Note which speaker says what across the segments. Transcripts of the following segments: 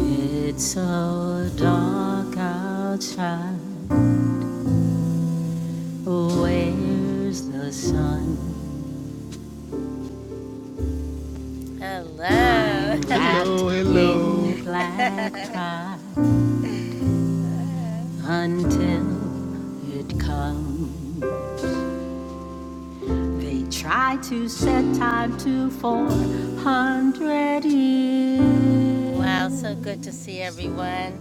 Speaker 1: It's so dark outside. Where's the sun? i wrapped in black tie until it comes. They try to set time to 400 years. Wow, so good to see everyone.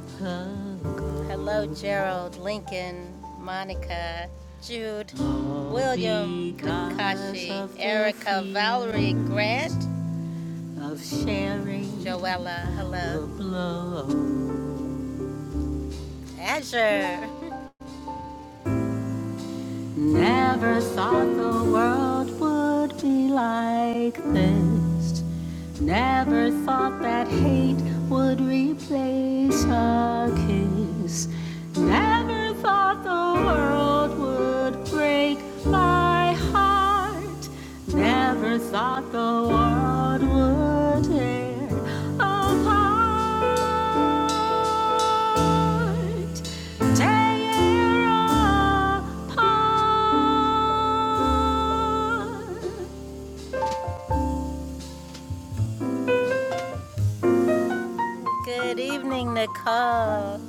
Speaker 1: William, Takashi, Erica, Valerie, Grant, of sharing the blow. Never thought the world would be like this. Never thought that hate would replace a kiss. Never thought the world would break my heart. Never thought the world would tear apart. Good evening, Nicole.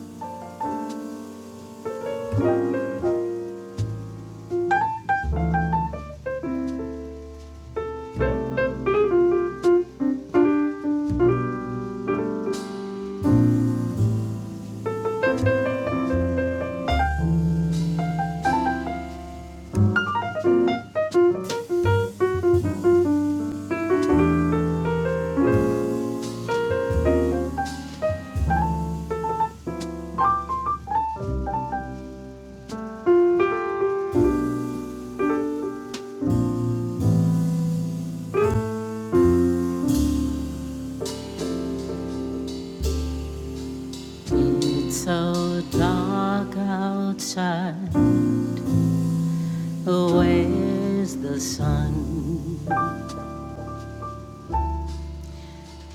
Speaker 1: It's so dark outside. Where's the sun?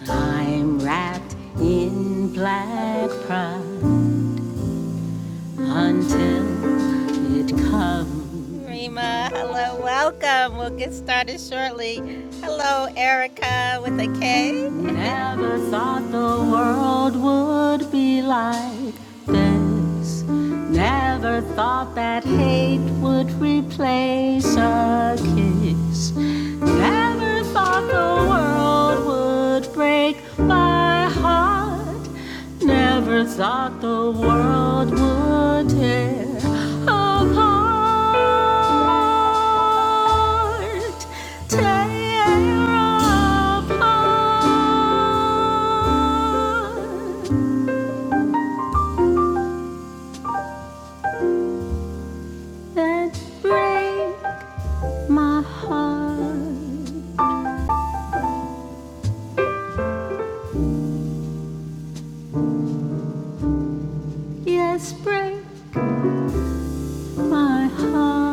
Speaker 1: I'm wrapped in black pride until it comes. Never thought the world would be like this. Never thought that hate would replace a kiss. Never thought the world would break my heart. Never thought the world would tear apart. That break my heart, yes, break my heart.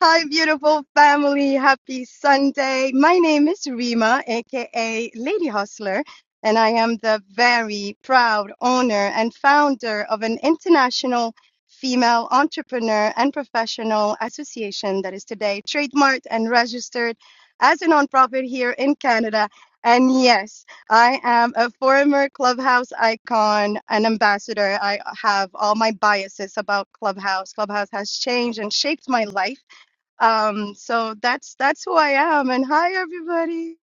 Speaker 2: Hi, beautiful family. Happy Sunday. My name is Rima, aka Lady Hustler, and I am the very proud owner and founder of an international female entrepreneur and professional association that is today trademarked and registered as a nonprofit here in Canada. And yes, I am a former Clubhouse icon and ambassador. I have all my biases about Clubhouse. Clubhouse has changed and shaped my life um, so that's that's who I am. And hi everybody.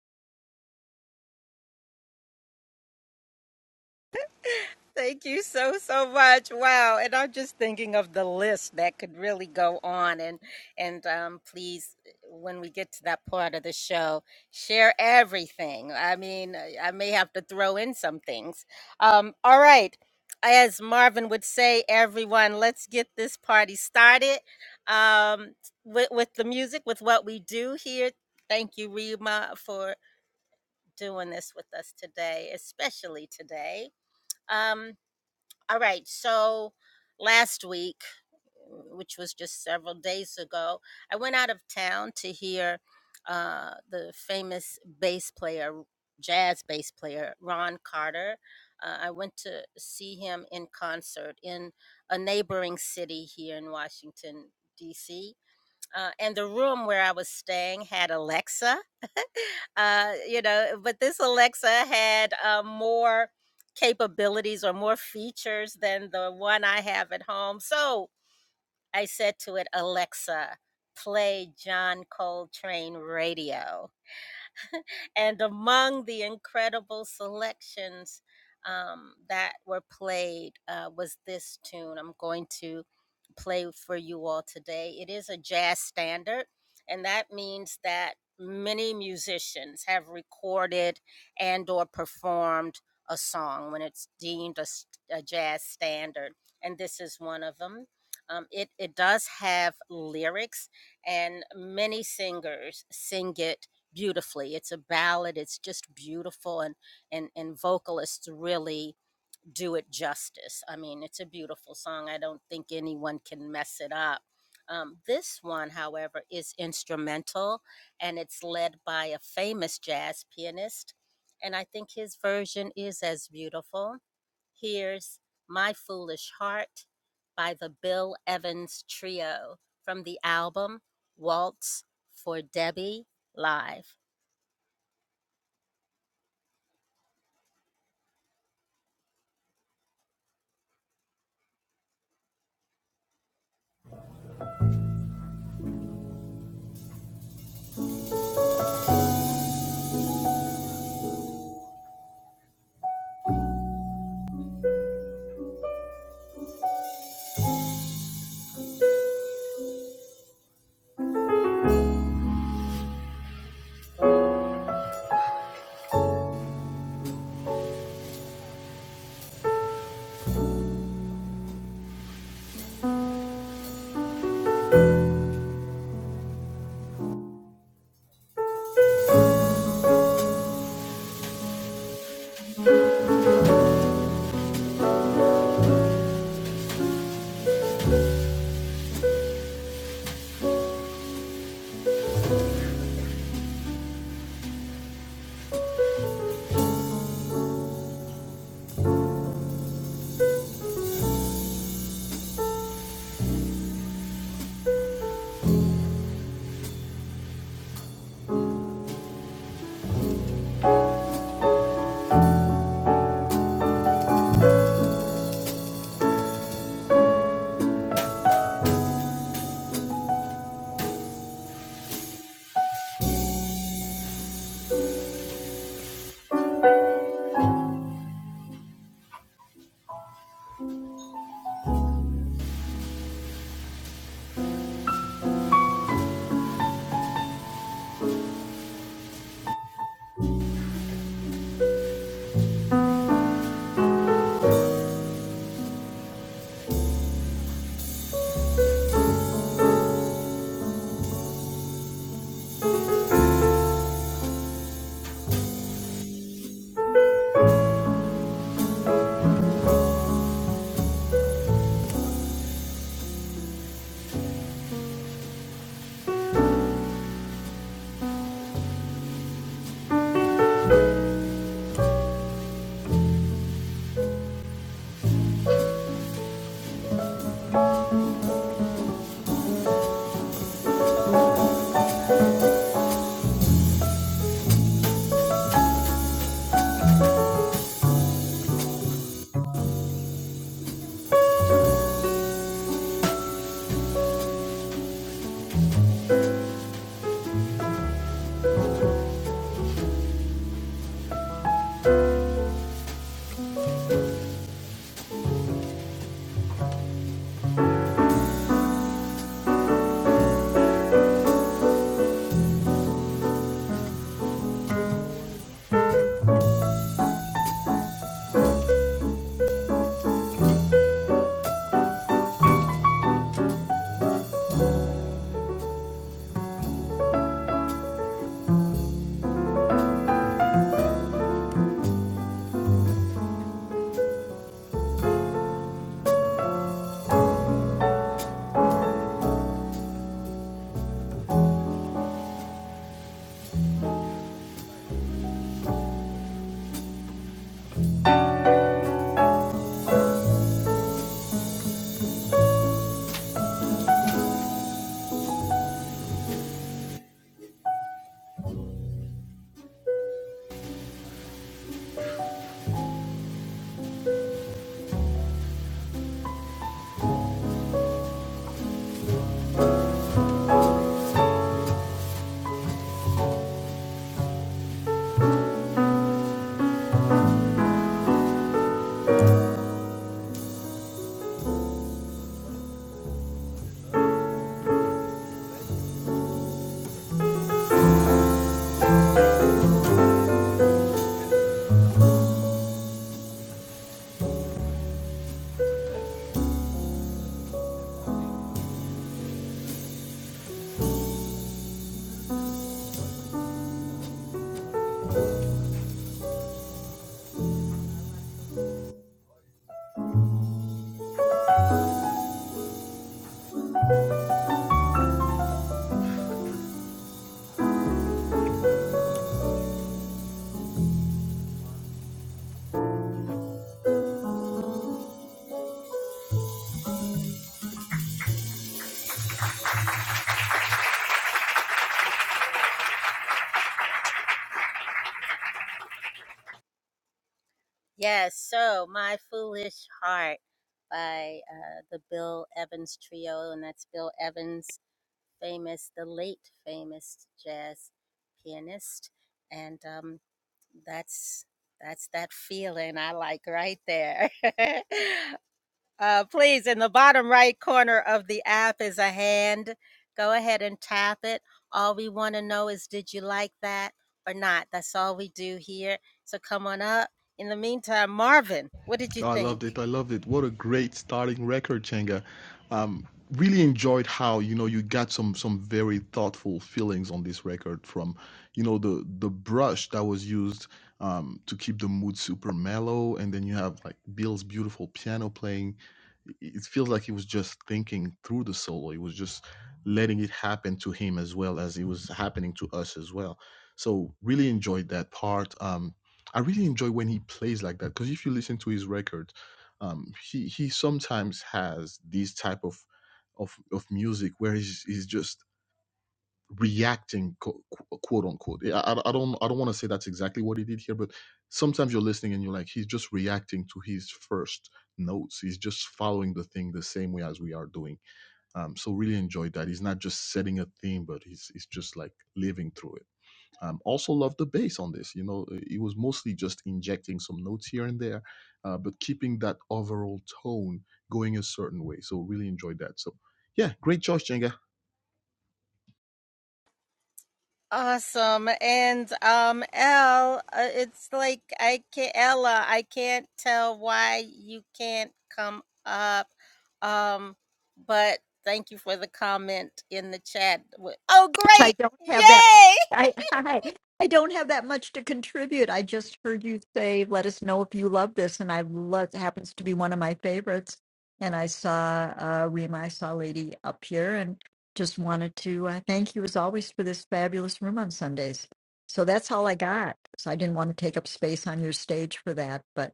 Speaker 3: I don't have that much. I, I I don't have that much to contribute. I just heard you say, "Let us know if you love this," and I love. It happens to be one of my favorites. And I saw uh, Rima, I saw Lady up here, and just wanted to uh, thank you as always for this fabulous room on Sundays. So that's all I got. So I didn't want to take up space on your stage for that, but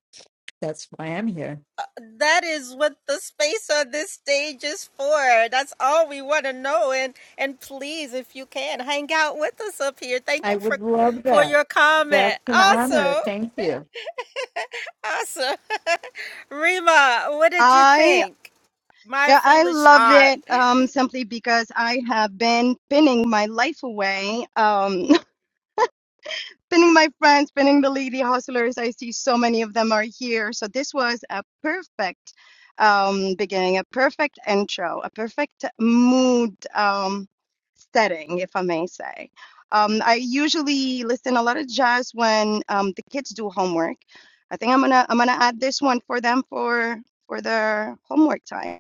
Speaker 3: that's why I'm here. I would love that. That's an honor. Thank you.
Speaker 2: I yeah, I loved it um simply because I have been pinning my life away. Um Pinning my friends, pinning the lady hustlers. I see so many of them are here. So this was a perfect um, beginning, a perfect intro, a perfect mood um, setting, if I may say. Um, I usually listen a lot of jazz when um, the kids do homework. I think I'm gonna I'm gonna add this one for them for for their homework time.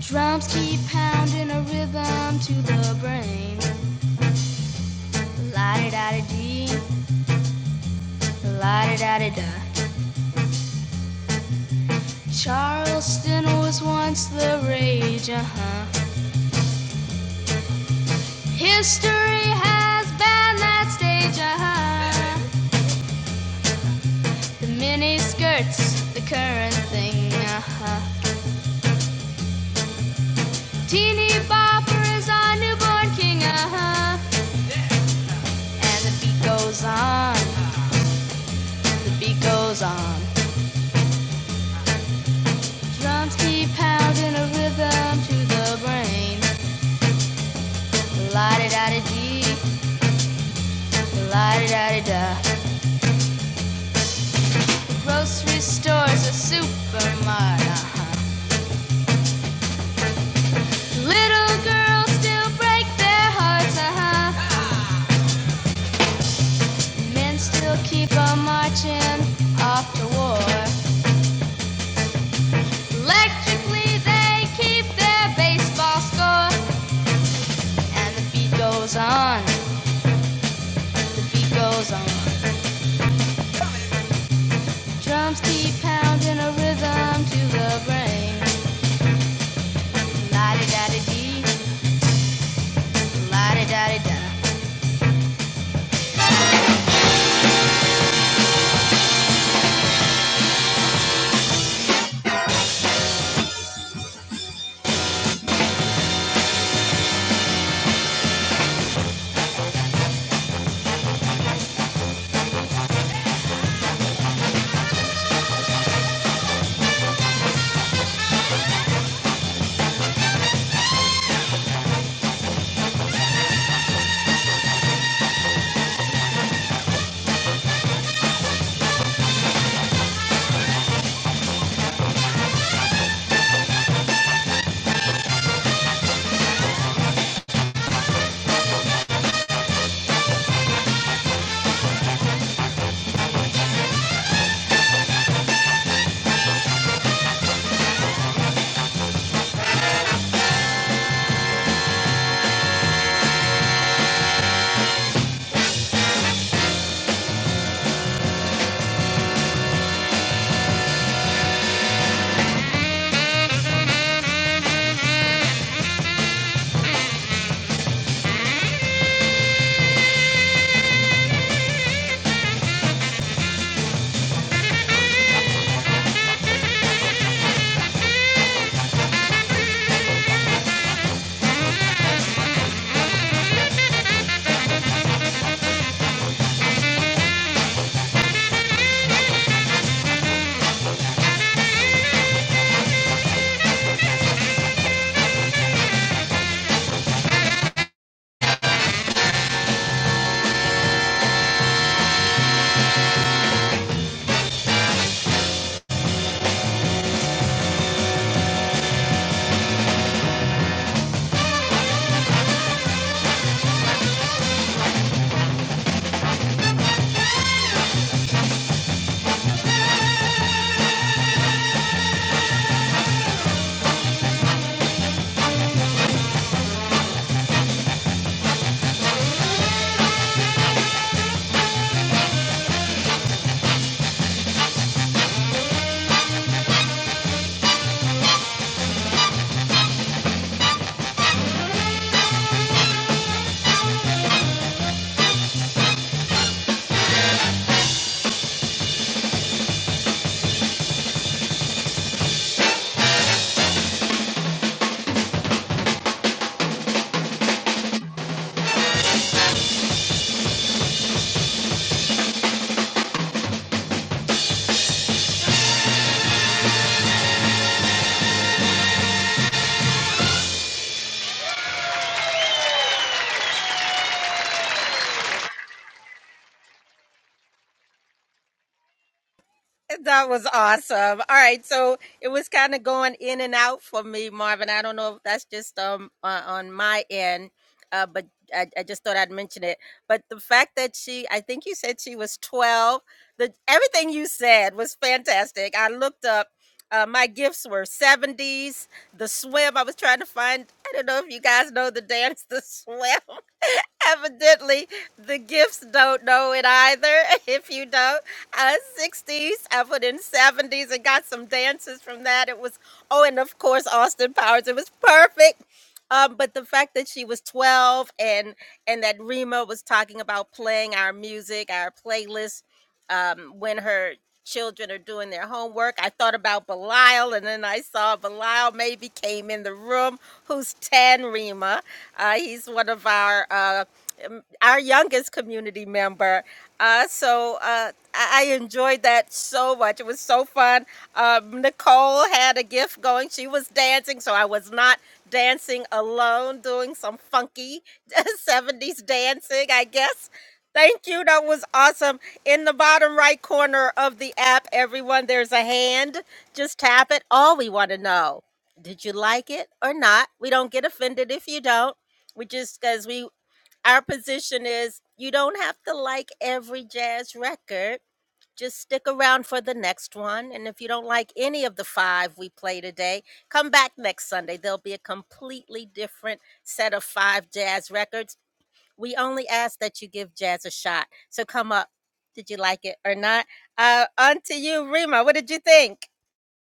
Speaker 4: Drums keep pounding a rhythm to the brain. La da da dee, la da da da da. Charleston was once the rage, uh huh. History has banned that stage, uh huh. The miniskirts, the current thing, uh huh. Teeny bopper is our newborn king, uh huh. And the beat goes on, the beat goes on. Drums keep pounding a rhythm to the brain. La di da di dee, la di da di da. The grocery store's a supermart, uh-huh. Little girls still break their hearts, uh-huh. Men still keep on marching off to war. Electrically they keep their baseball score. And the beat goes on, the beat goes on. Drums keep pounding a rhythm to the brain. La da da da dee, la da da da da.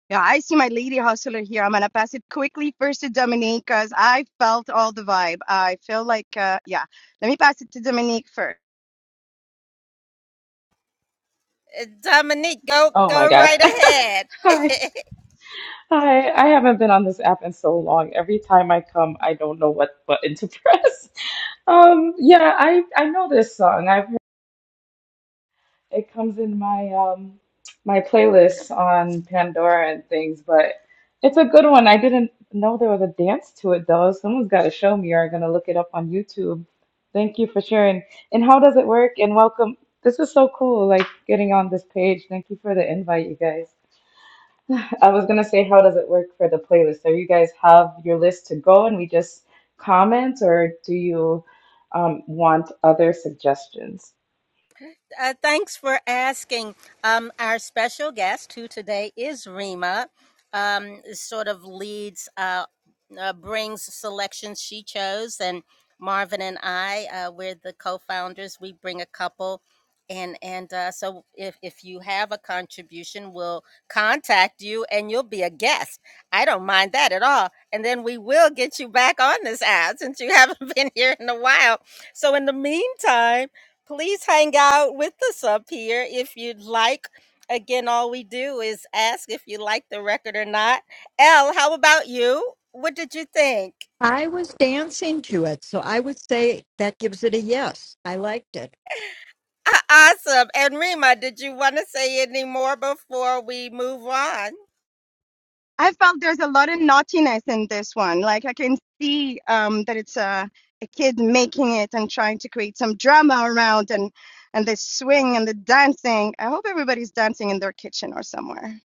Speaker 2: Yeah, I see my lady hustler here. I'm gonna pass it quickly first to Dominique because I felt all the vibe. I feel like, uh, yeah, let me pass it to Dominique first.
Speaker 5: Oh my gosh. Hi. Hi. I haven't been on this app in so long. Every time I come, I don't know what button to press. Um, yeah, I I know this song. I've heard it comes in my um my playlist on Pandora and things, but it's a good one. I didn't know there was a dance to it though. Someone's got to show me or I'm gonna look it up on YouTube. Thank you for sharing. And how does it work? And welcome. This is so cool, like getting on this page. Thank you for the invite, you guys. I was gonna say, how does it work for the playlist? Do you guys have your list to go and we just comment, or do you um, want other suggestions?
Speaker 3: I was dancing to it, so I would say that gives it a yes. I liked it.
Speaker 2: I felt there's a lot of naughtiness in this one. Like I can see um, that it's a, a kid making it and trying to create some drama around and and the swing and the dancing. I hope everybody's dancing in their kitchen or somewhere.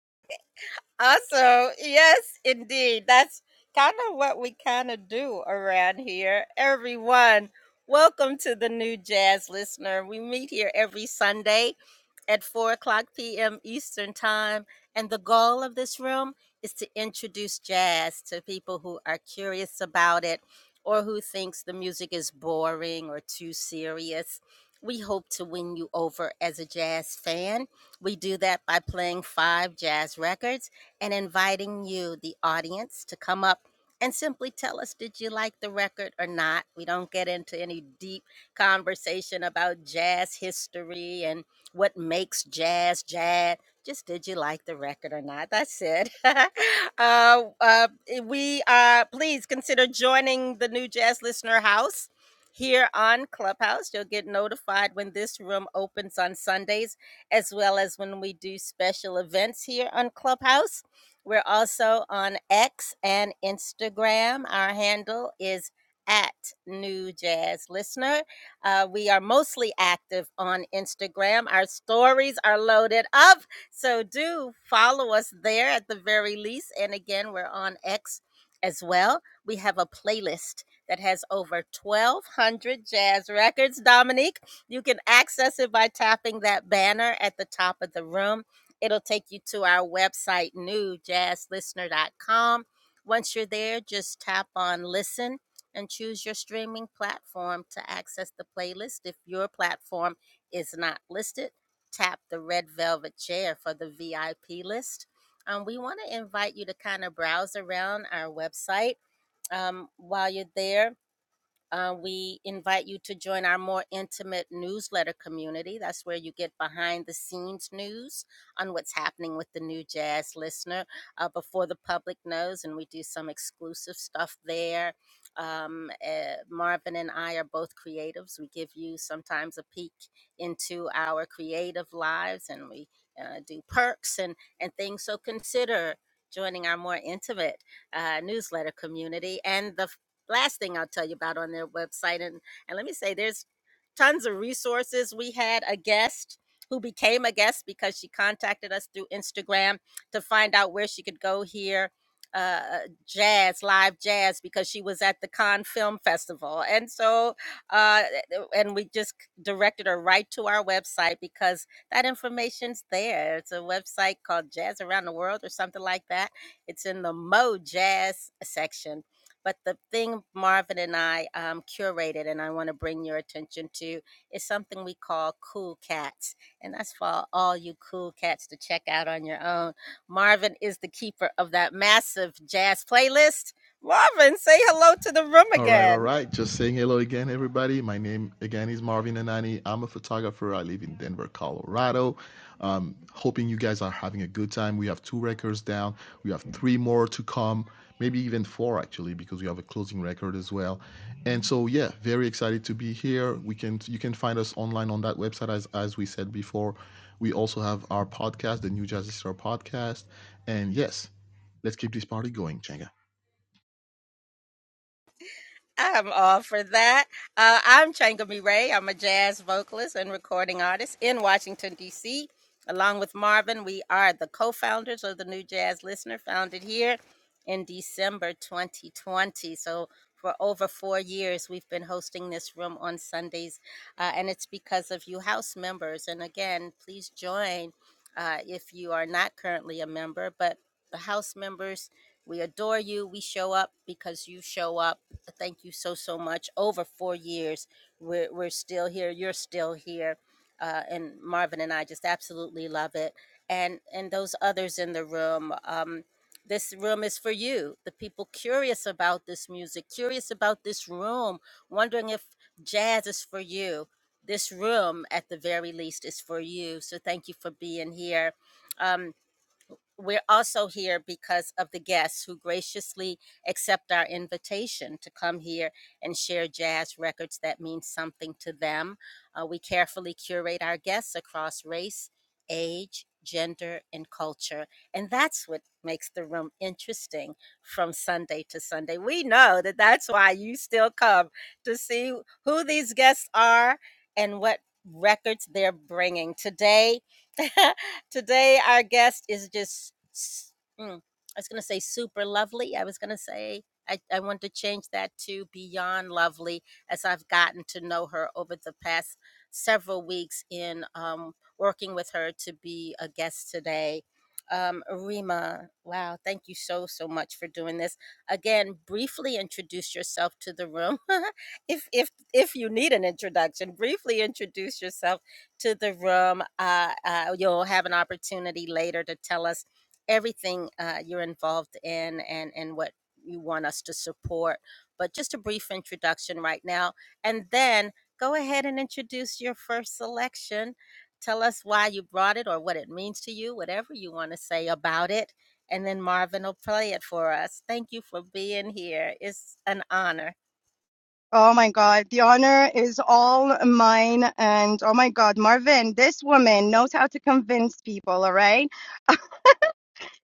Speaker 2: Oh my God, the honor is all mine. And oh my God, Marvin, this woman knows how to convince people, all right?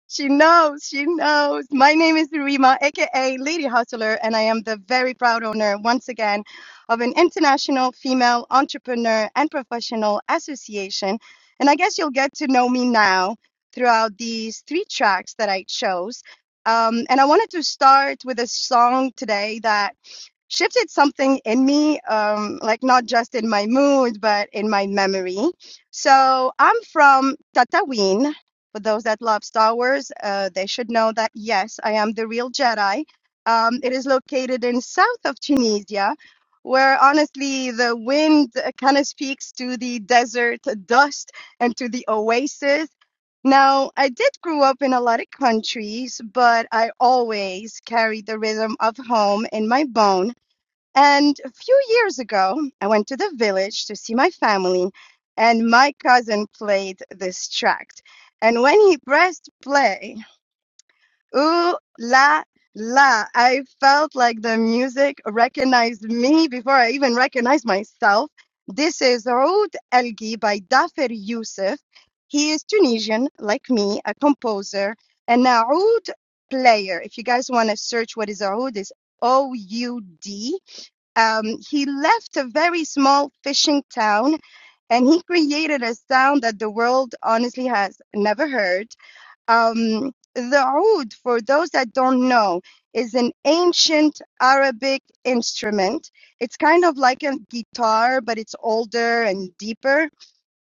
Speaker 2: She knows, she knows. My name is Rima, aka Lady Hustler, and I am the very proud owner, once again, of an international female entrepreneur and professional association. And I guess you'll get to know me now throughout these three tracks that I chose. Um, and I wanted to start with a song today that shifted something in me, um, like not just in my mood, but in my memory. So I'm from Tatooine. For those that love Star Wars, uh, they should know that yes, I am the real Jedi. Um, it is located in south of Tunisia, where honestly the wind uh, kind of speaks to the desert dust and to the oasis. Now, I did grow up in a lot of countries, but I always carry the rhythm of home in my bones and a few years ago, I went to the village to see my family, and my cousin played this track. And when he pressed play, Ooh la la. I felt like the music recognized me before I even recognized myself. This is Oud Elgi by Dafer Youssef. He is Tunisian, like me, a composer and a oud player. If you guys want to search what is oud, is O U D. Um, he left a very small fishing town and he created a sound that the world honestly has never heard. Um, the oud, for those that don't know, is an ancient Arabic instrument. It's kind of like a guitar, but it's older and deeper.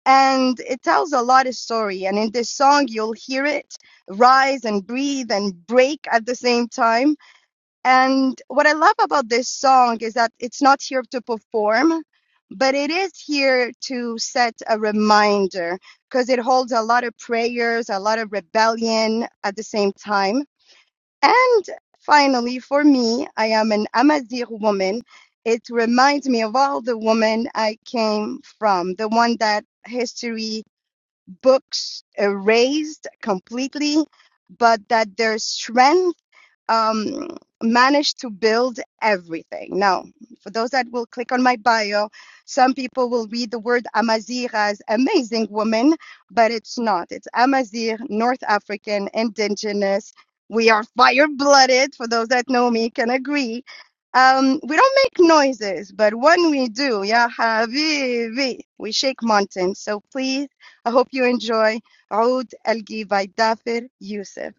Speaker 2: And it tells a lot of story. And in this song, you'll hear it rise and breathe and break at the same time and what I love about this song is that it's not here to perform, but it is here to set a reminder because it holds a lot of prayers, a lot of rebellion at the same time. And finally, for me, I am an Amazigh woman. It reminds me of all the women I came from, the one that history books erased completely, but that their strength um, managed to build everything. Now, for those that will click on my bio, some people will read the word Amazigh as amazing woman, but it's not. It's Amazigh, North African, indigenous. We are fire blooded, for those that know me can agree. Um, we don't make noises, but when we do, ya habibi, we shake mountains. So please, I hope you enjoy Oud Elgi by Dafir Youssef.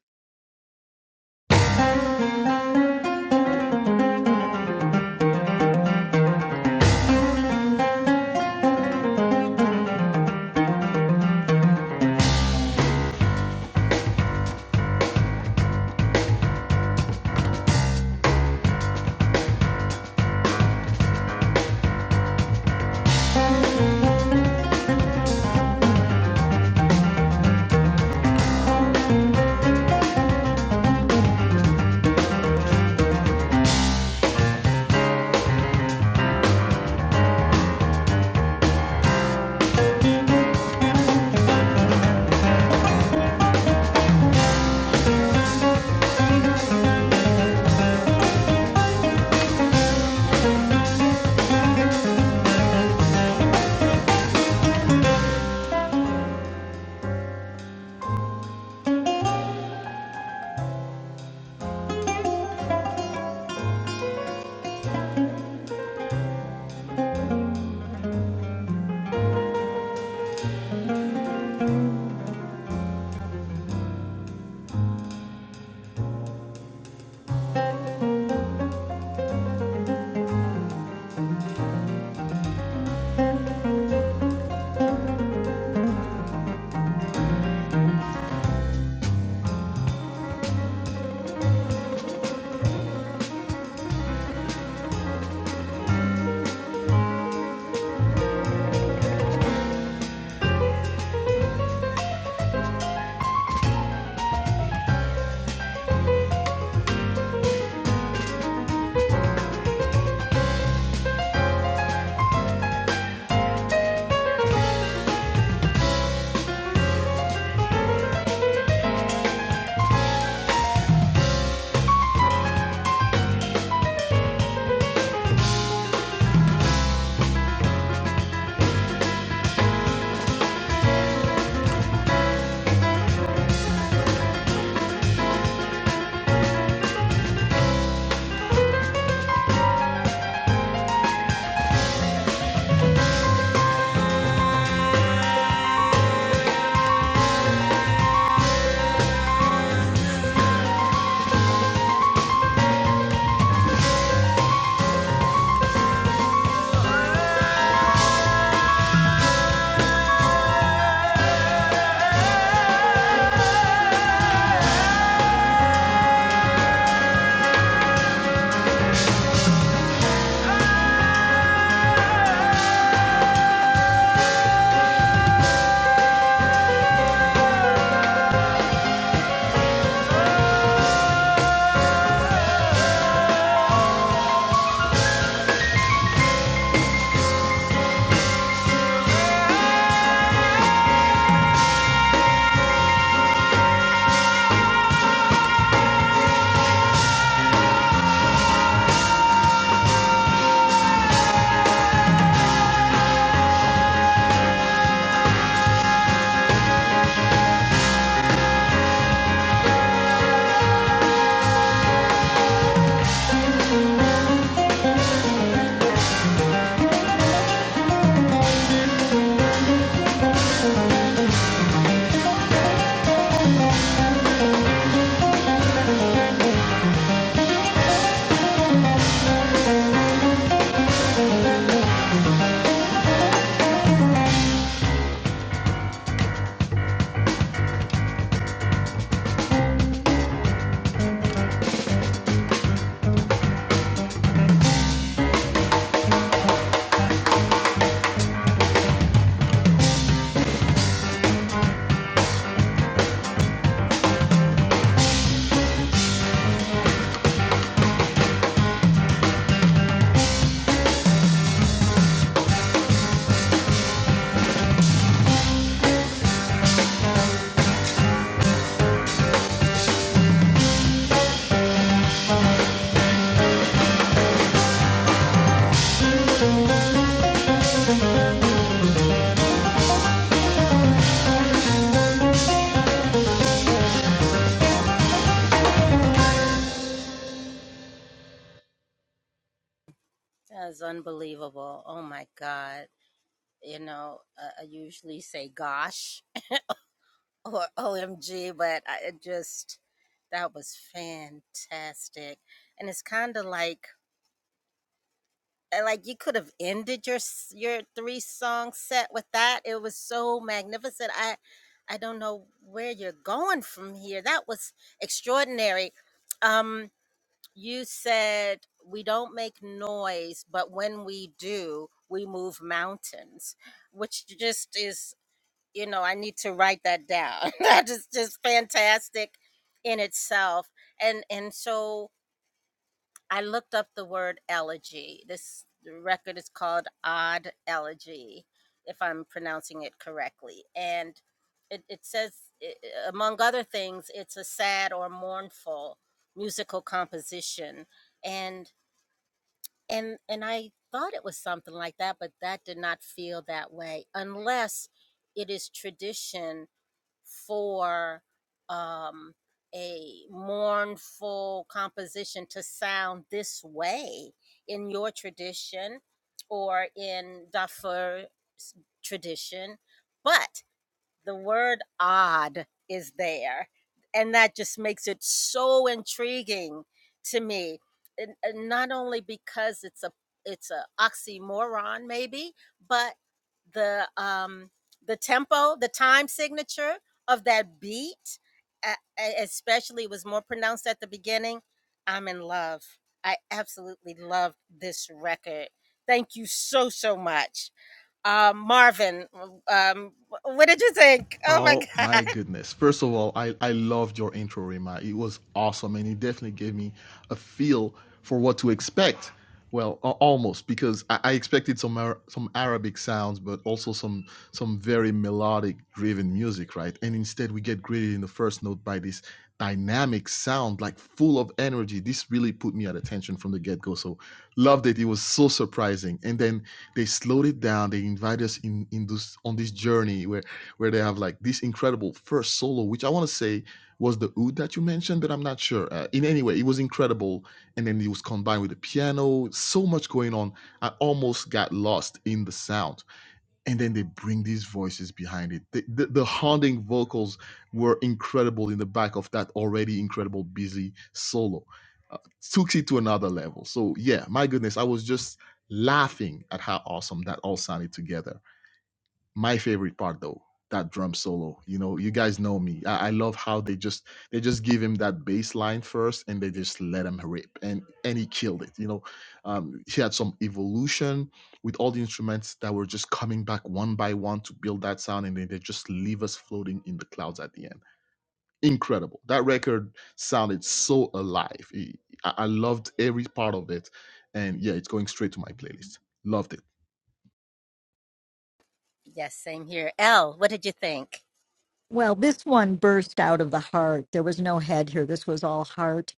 Speaker 3: Well, this one burst out of the heart. There was no head here. This was all heart.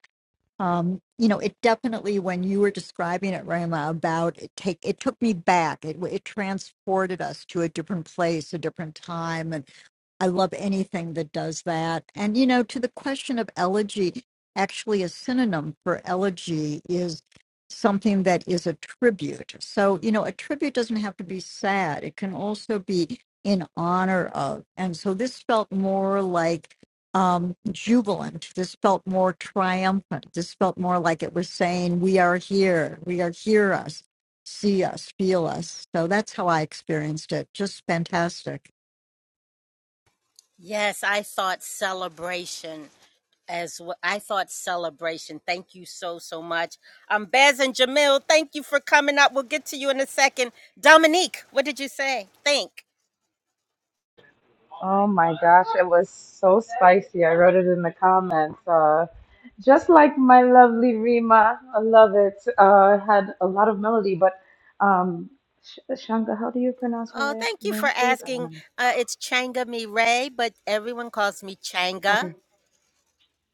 Speaker 3: um, you know, it definitely when you were describing it, Rama, about it take it took me back. It it transported us to a different place, a different time, and I love anything that does that. And you know, to the question of elegy, actually, a synonym for elegy is something that is a tribute. So you know, a tribute doesn't have to be sad; it can also be in honor of. And so this felt more like um, jubilant. This felt more triumphant. This felt more like it was saying, "We are here. We are hear us, see us, feel us." So that's how I experienced it. Just fantastic.
Speaker 5: Oh my gosh, it was so spicy. I wrote it in the comments. Uh, just like my lovely Rima, I love it. Uh, had a lot of melody, but um, Sh Shanga, how do you pronounce your la name, please? I want to. Okay.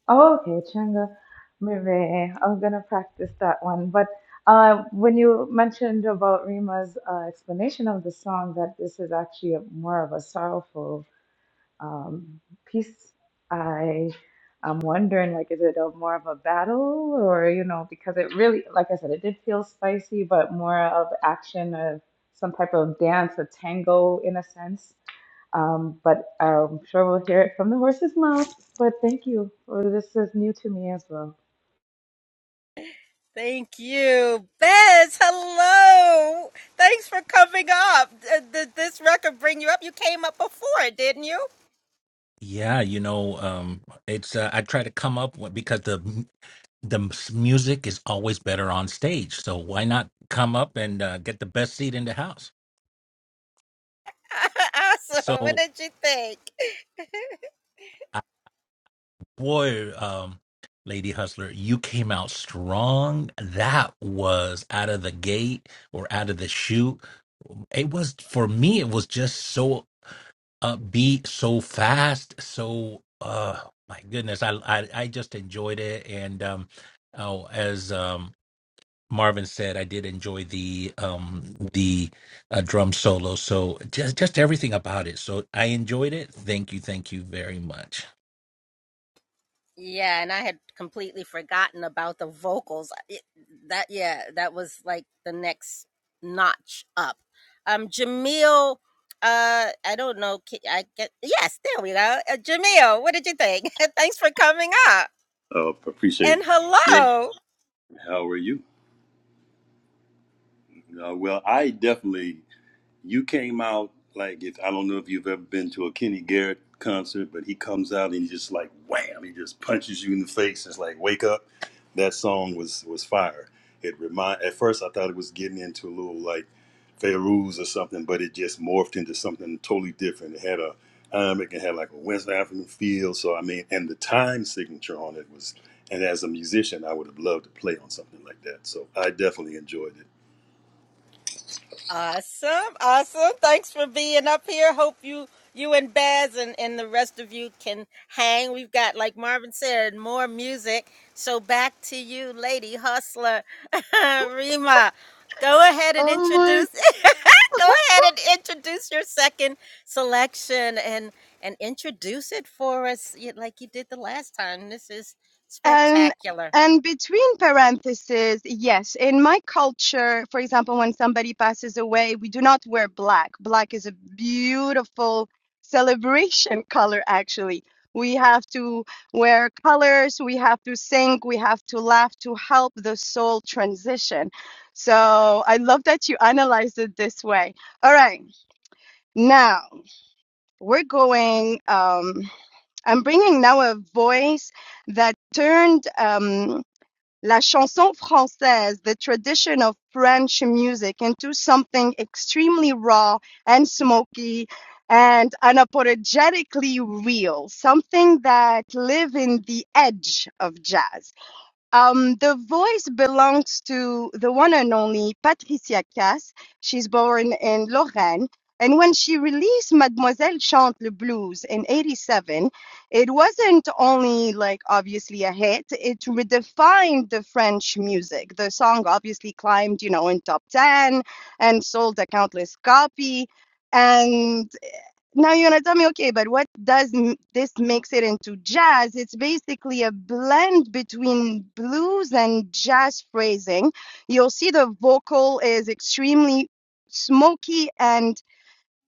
Speaker 5: Oh, okay, Changa. Maybe I'm gonna practice that one. But uh, when you mentioned about Rima's uh, explanation of the song, that this is actually a, more of a sorrowful um, piece, I am wondering like, is it a more of a battle, or you know, because it really, like I said, it did feel spicy, but more of action of some type of dance, a tango in a sense. Um, but I'm sure we'll hear it from the horse's mouth. But thank you. Well, this is new to me as well.
Speaker 6: Yeah, you know, um, it's uh, I try to come up with, because the m- the m- s- music is always better on stage, so why not come up and uh, get the best seat in the house? So, uh, boy, um, Lady Hustler, you came out strong. That was out of the gate or out of the chute. It was for me. It was just so upbeat, so fast, so uh, my goodness, I I, I just enjoyed it, and um, oh, as um. Marvin said, I did enjoy the um the uh, drum solo. So just just everything about it. So I enjoyed it. Thank you, thank you very much.
Speaker 7: Uh, appreciate it. Yeah. How are you? Uh, well, I definitely you came out like if I don't know if you've ever been to a Kenny Garrett concert, but he comes out and he just like wham, he just punches you in the face. It's like wake up. That song was was fire. It remind at first I thought it was getting into a little like Fairuz or something, but it just morphed into something totally different. It had a um, it had like a West African feel. So I mean, and the time signature on it was. And as a musician, I would have loved to play on something like that. So I definitely enjoyed it.
Speaker 2: Oh my And and between parentheses, yes, in my culture, for example, when somebody passes away, we do not wear black. Black is a beautiful celebration color, actually. We have to wear colors, we have to sing, we have to laugh to help the soul transition. So I love that you analyzed it this way. All right, now we're going, um, I'm bringing now a voice that turned. Um, la chanson française, the tradition of French music, into something extremely raw and smoky and unapologetically real, something that live in the edge of jazz. Um, the voice belongs to the one and only Patricia Cass. She's born in Lorraine. And when she released Mademoiselle Chante le Blues in 87, it wasn't only like obviously a hit, it redefined the French music. The song obviously climbed, you know, in top 10 and sold a countless copy. And now you're gonna tell me, okay, but what does m- this makes it into jazz? It's basically a blend between blues and jazz phrasing. You'll see the vocal is extremely smoky and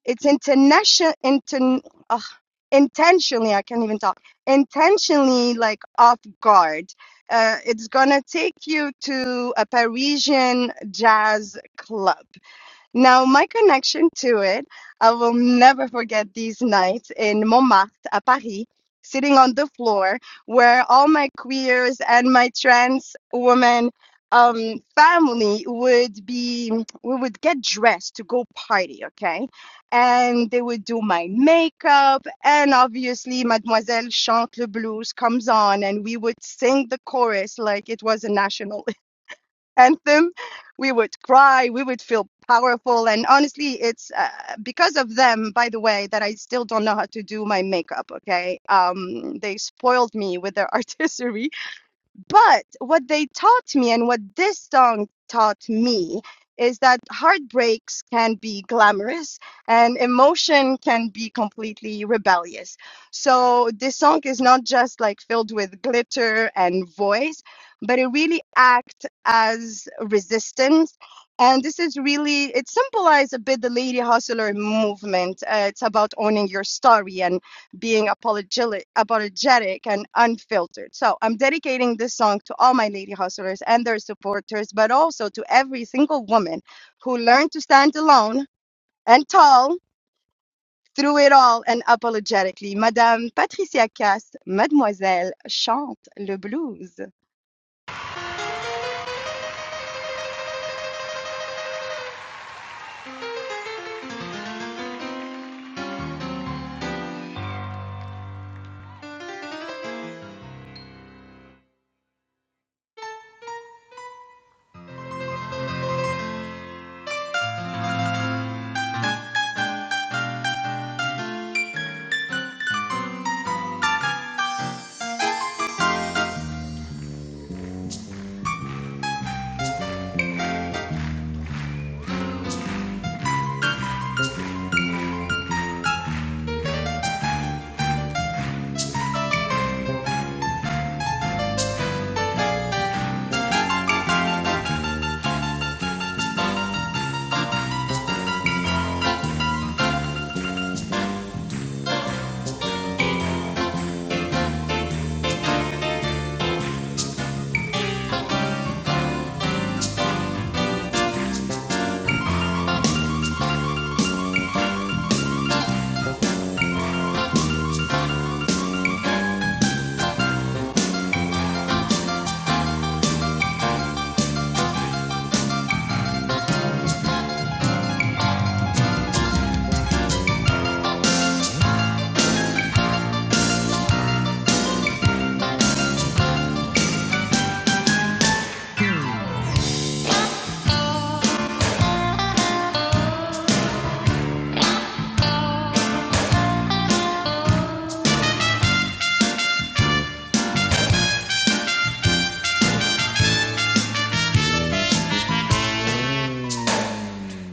Speaker 2: it's international, inten, ugh, intentionally, I can't even talk, intentionally like off guard. Uh, it's gonna take you to a Parisian jazz club now, my connection to it, I will never forget these nights in Montmartre à Paris, sitting on the floor where all my queers and my trans women um, family would be, we would get dressed to go party, okay? And they would do my makeup, and obviously, Mademoiselle Chante le Blues comes on, and we would sing the chorus like it was a national anthem. We would cry, we would feel powerful. And honestly, it's uh, because of them, by the way, that I still don't know how to do my makeup. Okay. Um, they spoiled me with their artistry but what they taught me and what this song taught me is that heartbreaks can be glamorous and emotion can be completely rebellious. So this song is not just like filled with glitter and voice, but it really acts as resistance. And this is really, it symbolizes a bit the lady hustler movement. Uh, it's about owning your story and being apologetic, apologetic and unfiltered. So I'm dedicating this song to all my lady hustlers and their supporters, but also to every single woman who learned to stand alone and tall through it all and apologetically. Madame Patricia Cass, Mademoiselle, chante le blues.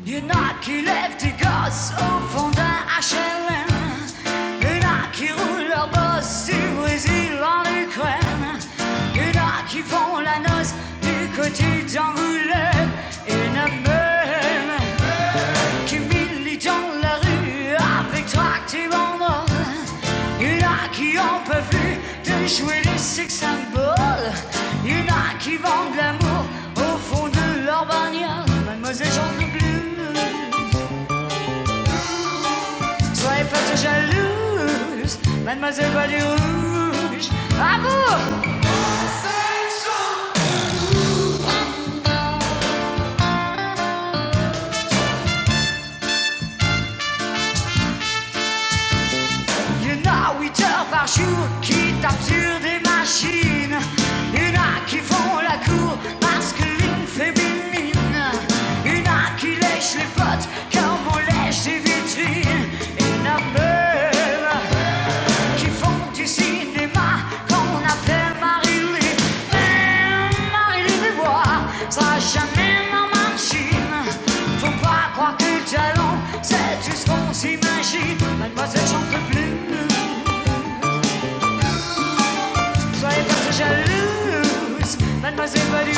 Speaker 4: Une qui lève des gosses au fond d'un HLM. Une heure qui roule leur bosse du Brésil en Ukraine. Une heure qui font la noce du côté d'Angoulême. et heure qui Camille dans la rue avec tracteur en or. Il y en a qui ont pas vu de jouer les sex symboles. Il y en a qui vendent l'amour au fond de leur bagnole. Mademoiselle chante le blues. Soyez pas trop jalouse, mademoiselle va du rouge. Amour! Une à 8 heures par jour qui tapent sur des machines. Une à qui font la cour masculine, féminine. Une à qui lèchent les potes comme on lèche des vitrines. Une à même qui font du cinéma quand on appelle Marie-Lou. Mais Marie-Lou me voit, ça jamais ma machine. Faut pas croire que le talent, c'est tout ce qu'on s'imagine. Mademoiselle, j'en peux plus. Soyez pas si jalouse, mademoiselle Badouge.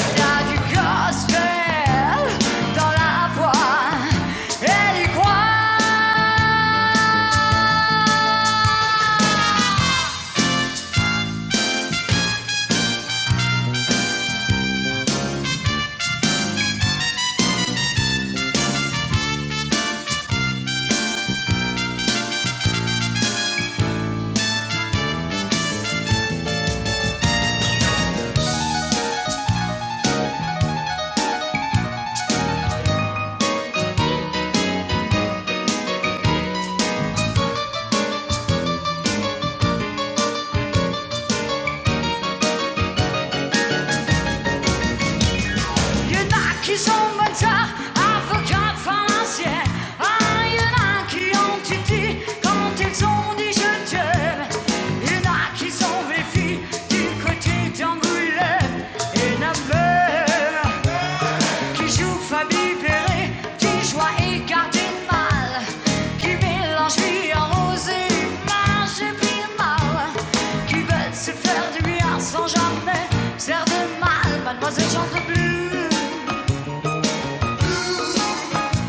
Speaker 4: Il y a du gospel dans la voix et il croit You're qui sont bonnes, ça, avocat Ah, il a qui ont titi quand ils ont dit je t'aime. Il a qui sont les du côté d'Angoulême. Et la qui joue Fabi Perret, qui joie et cardinal, qui mélange vie en rose et marche mal, qui veut se faire du bien sans jamais faire de mal. Mademoiselle chante le blues,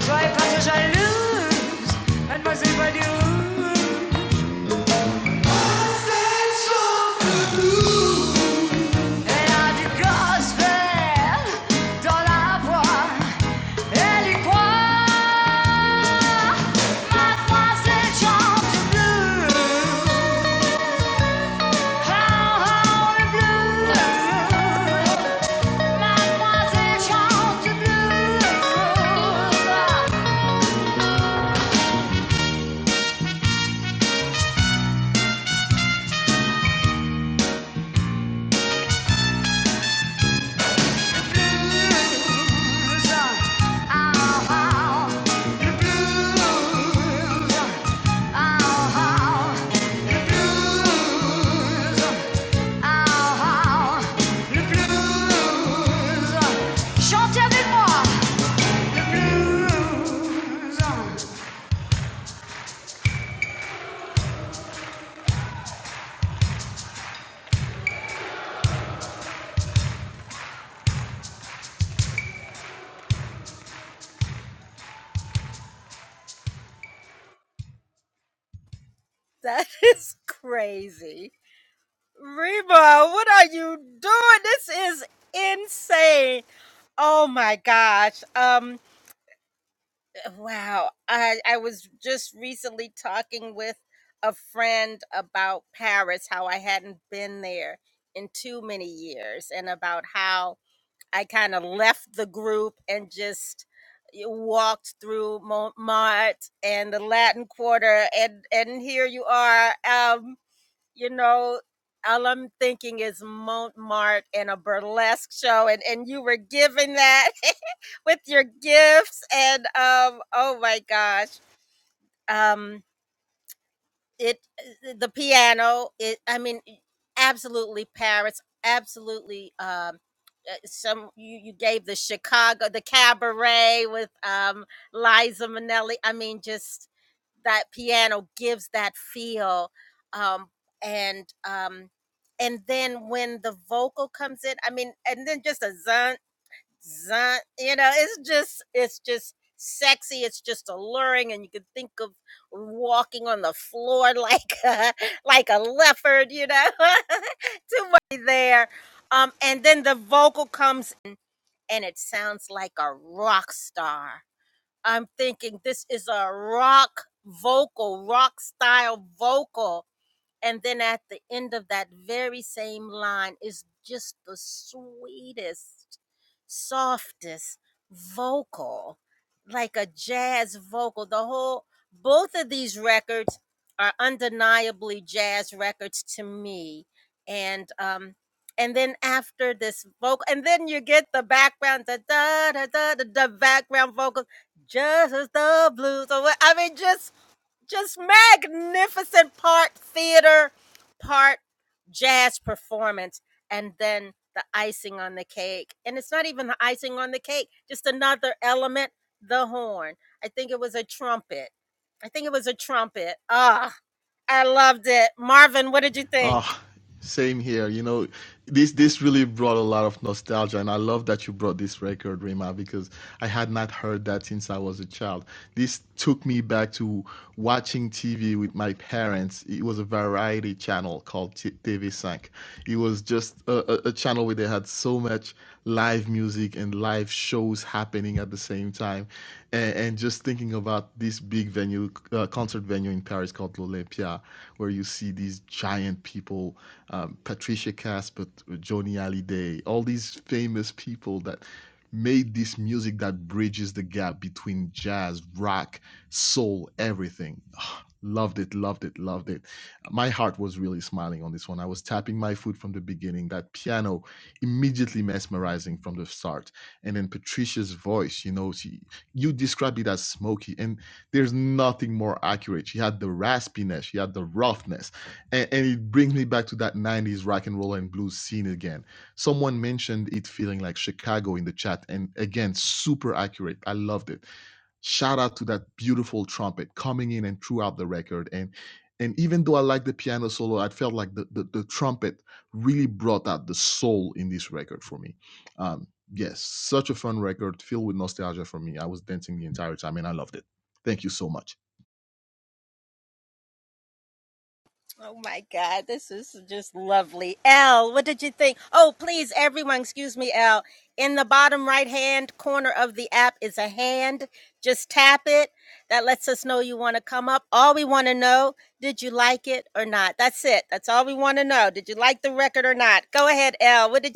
Speaker 4: soyez pas trop jalouse, mademoiselle Badiou. Elle a du gospel dans la voix, elle y croit. Chante avec moi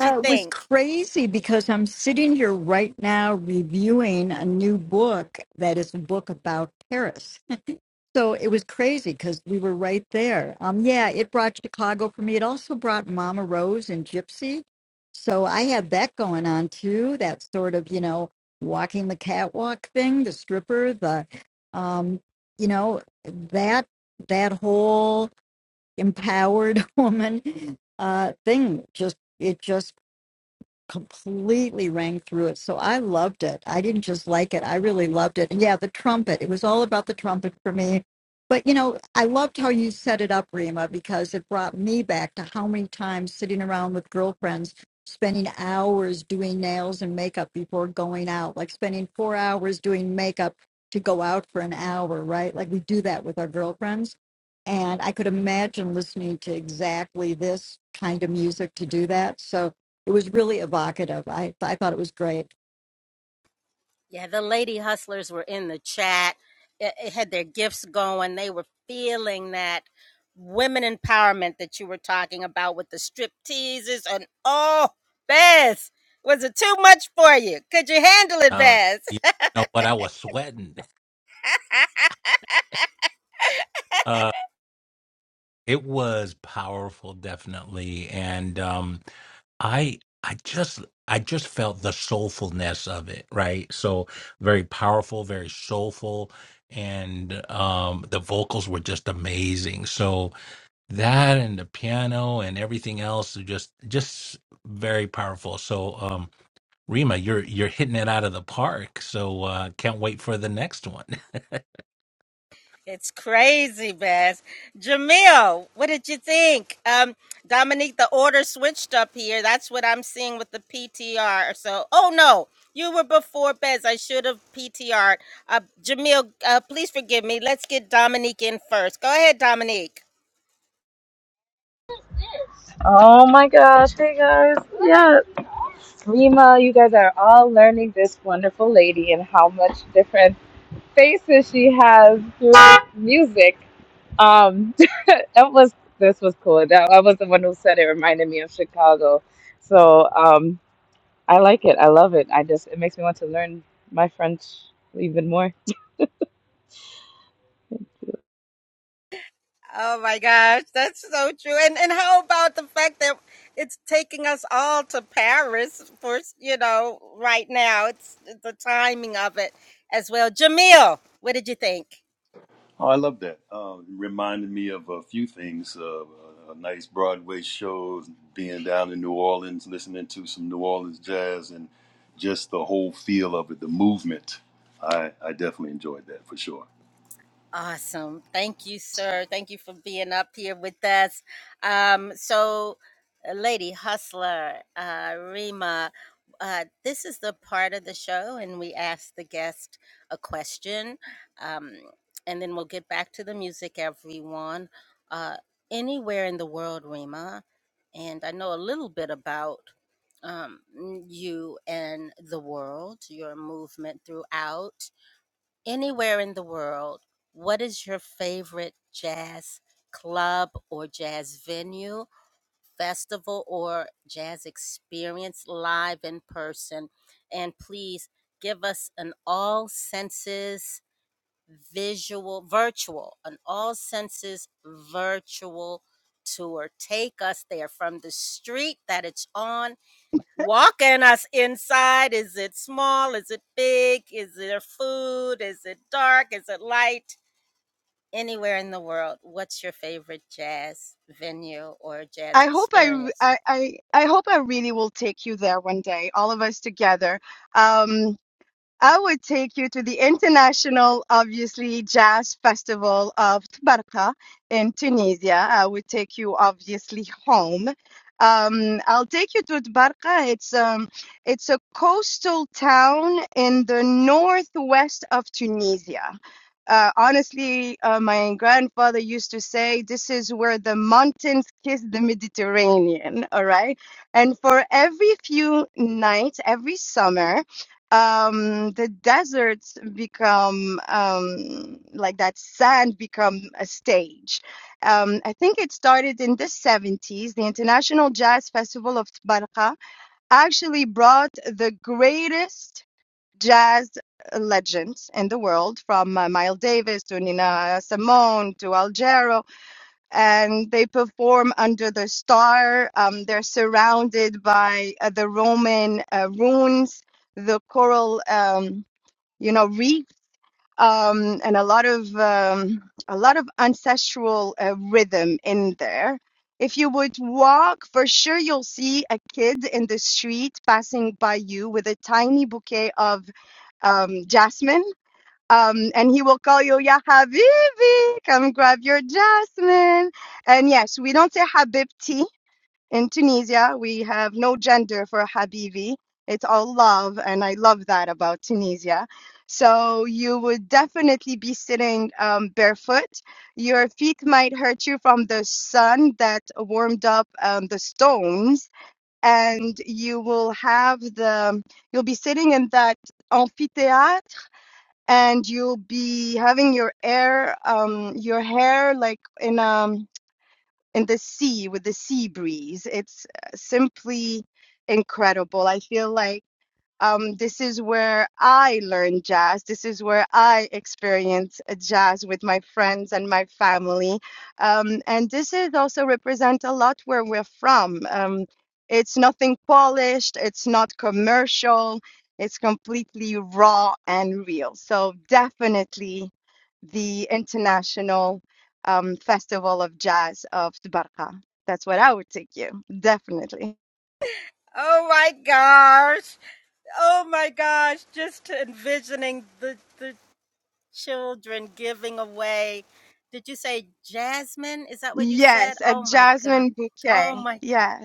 Speaker 3: Uh, it was crazy because I'm sitting here right now reviewing a new book that is a book about Paris. So it was crazy because we were right there. Um, yeah, it brought Chicago for me. It also brought Mama Rose and Gypsy. So I had that going on too. That sort of, you know, walking the catwalk thing, the stripper, the, um, you know, that that whole empowered woman uh, thing. Just it just completely rang through it. So I loved it. I didn't just like it, I really loved it. And yeah, the trumpet, it was all about the trumpet for me. But you know, I loved how you set it up, Rima, because it brought me back to how many times sitting around with girlfriends, spending hours doing nails and makeup before going out, like spending four hours doing makeup to go out for an hour, right? Like we do that with our girlfriends. And I could imagine listening to exactly this kind of music to do that. So it was really evocative. I I thought it was great.
Speaker 6: Uh, you know what? I was sweating. Uh, it was powerful, definitely, and um, I I just I just felt the soulfulness of it. Right. So very powerful, very soulful, and um, the vocals were just amazing. So that and the piano and everything else are just just very powerful so um rima you're you're hitting it out of the park so uh can't wait for the next one
Speaker 5: Oh my gosh, hey guys. Yeah, Rima, you guys are all learning this wonderful lady and how much different faces she has through music. Um, that was this was cool. That I was the one who said it reminded me of Chicago. So um, I like it. I love it. I just it makes me want to learn my French even more.
Speaker 7: Oh, I love that. Uh, reminded me of a few things. Uh, a a nice Broadway show, being down in New Orleans, listening to some New Orleans jazz, and just the whole feel of it, the movement. I, I definitely enjoyed that for sure.
Speaker 2: I hope I, r- I, I, I hope I really will take you there one day, all of us together. Um, I would take you to the international, obviously, jazz festival of Tbarka in Tunisia. I would take you, obviously, home. Um, I'll take you to Tbarka. It's um, it's a coastal town in the northwest of Tunisia. Uh, honestly, uh, my grandfather used to say this is where the mountains kiss the Mediterranean. All right, and for every few nights, every summer um the deserts become um like that sand become a stage um i think it started in the 70s the international jazz festival of barqa actually brought the greatest jazz legends in the world from uh, miles davis to nina simone to al and they perform under the star. Um, they're surrounded by uh, the Roman uh, ruins, the coral, um, you know, reef, um, and a lot of um, a lot of ancestral uh, rhythm in there. If you would walk, for sure you'll see a kid in the street passing by you with a tiny bouquet of um, jasmine um, and he will call you, Ya Habibi, come grab your jasmine. And yes, we don't say Habibti in Tunisia. We have no gender for Habibi. It's all love, and I love that about Tunisia. So you would definitely be sitting um, barefoot. Your feet might hurt you from the sun that warmed up um, the stones, and you will have the, you'll be sitting in that amphitheater and you'll be having your air um your hair like in um in the sea with the sea breeze it's uh, simply incredible i feel like um, this is where I learn jazz. This is where I experience uh, jazz with my friends and my family. Um, and this is also represent a lot where we're from. Um, it's nothing polished. It's not commercial. It's completely raw and real. So definitely the International um, Festival of Jazz of Tbarka. That's what I would take you. Definitely. Yes, a jasmine bouquet. Yeah.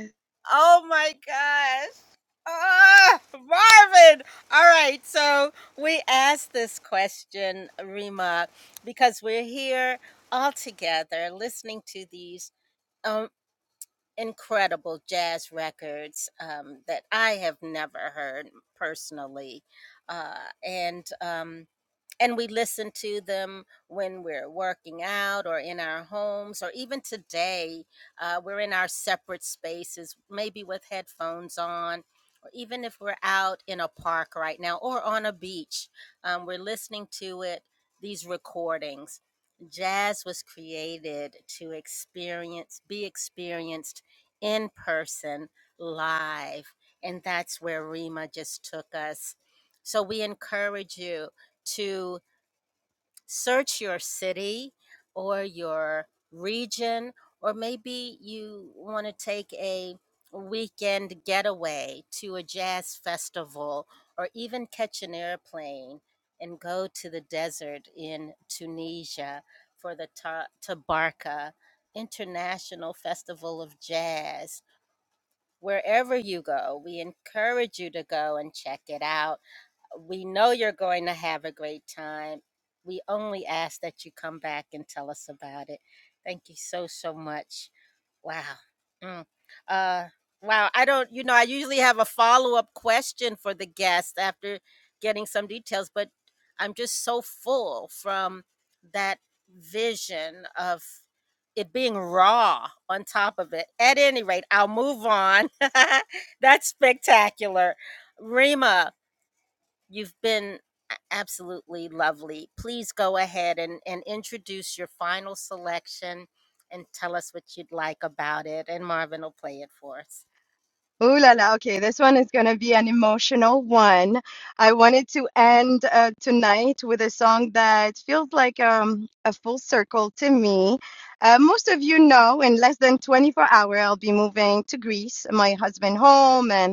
Speaker 2: Ooh la la. Okay, this one is going to be an emotional one. I wanted to end uh, tonight with a song that feels like um, a full circle to me. Uh, most of you know, in less than 24 hours, I'll be moving to Greece, my husband home, and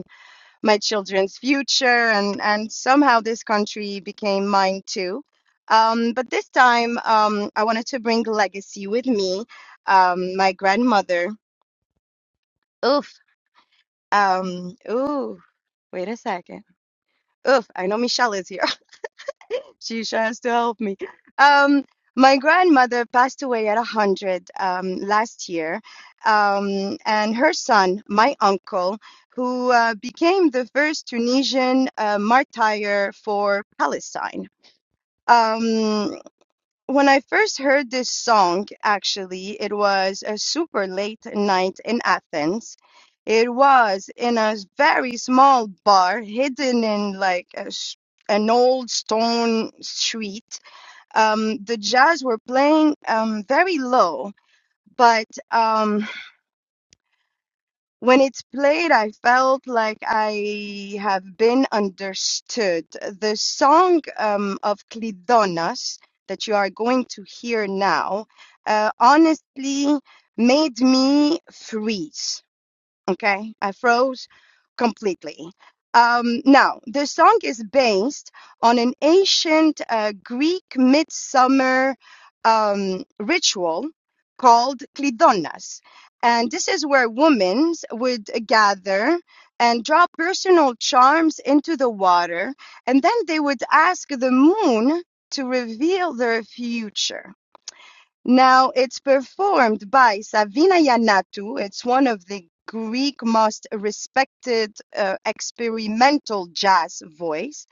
Speaker 2: my children's future and and somehow this country became mine too um, but this time um, i wanted to bring legacy with me um, my grandmother oof um, ooh wait a second oof i know michelle is here She tries to help me. Um, my grandmother passed away at 100 um, last year, um, and her son, my uncle, who uh, became the first Tunisian uh, martyr for Palestine. Um, when I first heard this song, actually, it was a super late night in Athens. It was in a very small bar hidden in like a s an old stone street um, the jazz were playing um, very low. But um, when it's played, I felt like I have been understood. The song um, of Clidonas that you are going to hear now uh, honestly made me freeze Okay, I froze completely. Um, now, the song is based on an ancient uh, Greek midsummer um, ritual called Klidonnas. And this is where women would gather and drop personal charms into the water, and then they would ask the moon to reveal their future. Now, it's performed by Savina Yannatu. It's one of the Greek most respected uh, experimental jazz voice,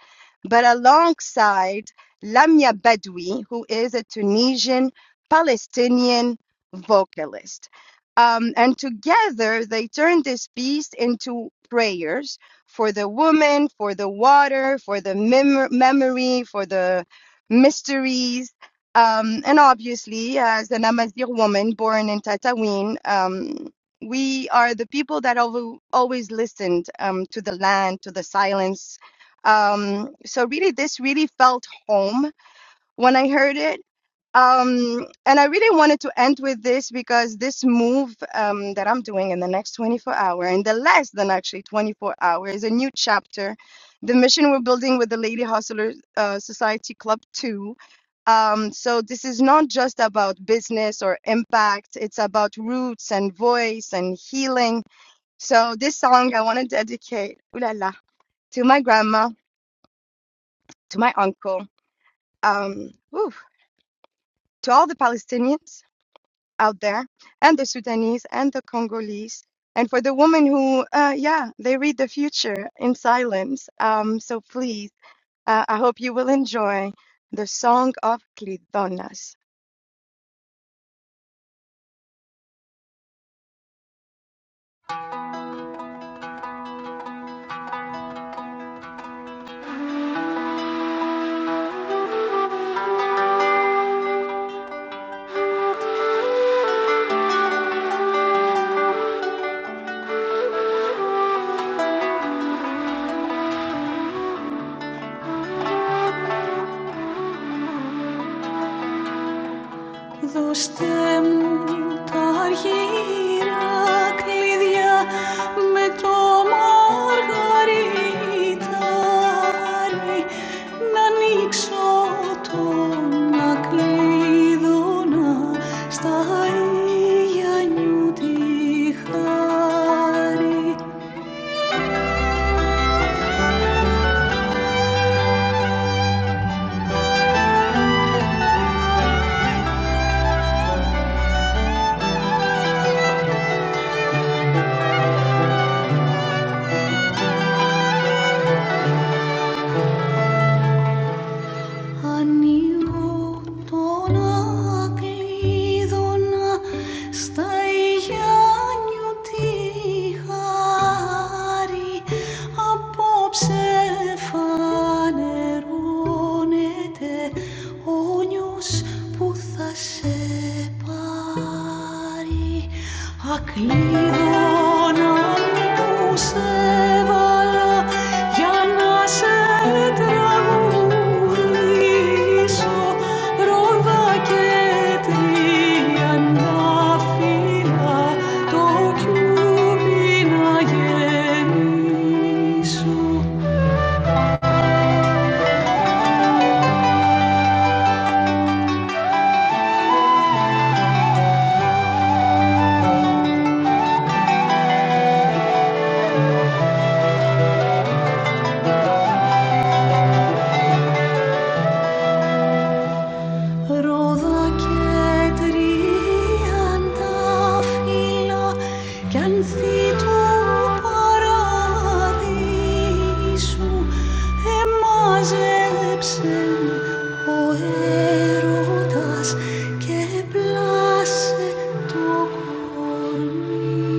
Speaker 2: but alongside Lamia Bedoui, who is a Tunisian Palestinian vocalist. Um, and together they turned this piece into prayers for the woman, for the water, for the mem- memory, for the mysteries um, and obviously, as an Amazigh woman born in Tatooine, um, we are the people that alwa- always listened um, to the land, to the silence. Um, so really, this really felt home when I heard it um, and I really wanted to end with this because this move um, that I'm doing in the next 24 hour, in the less than actually 24 hour, is a new chapter. The mission we're building with the Lady Hustler uh, Society Club 2. Um, so this is not just about business or impact. It's about roots and voice and healing. So this song I want to dedicate, ooh la la, to my grandma, to my uncle, um, ooh, to all the Palestinians out there and the Sudanese and the Congolese. And for the women who, uh, yeah, they read the future in silence. Um, so please, uh, I hope you will enjoy the Song of Clidonas.
Speaker 4: Λακρίδωνα στα Ιγιάννιωτήχα απόψε φανερώνε φως που θα σε πάρει Ακλείδωνα που σε βάλα για να σε τραγουδήσω Ρόδα και τριαντάφυλλα το κιούπι να γεμίσω Adeus, emaselês em o erodoas que blasfeto comigo.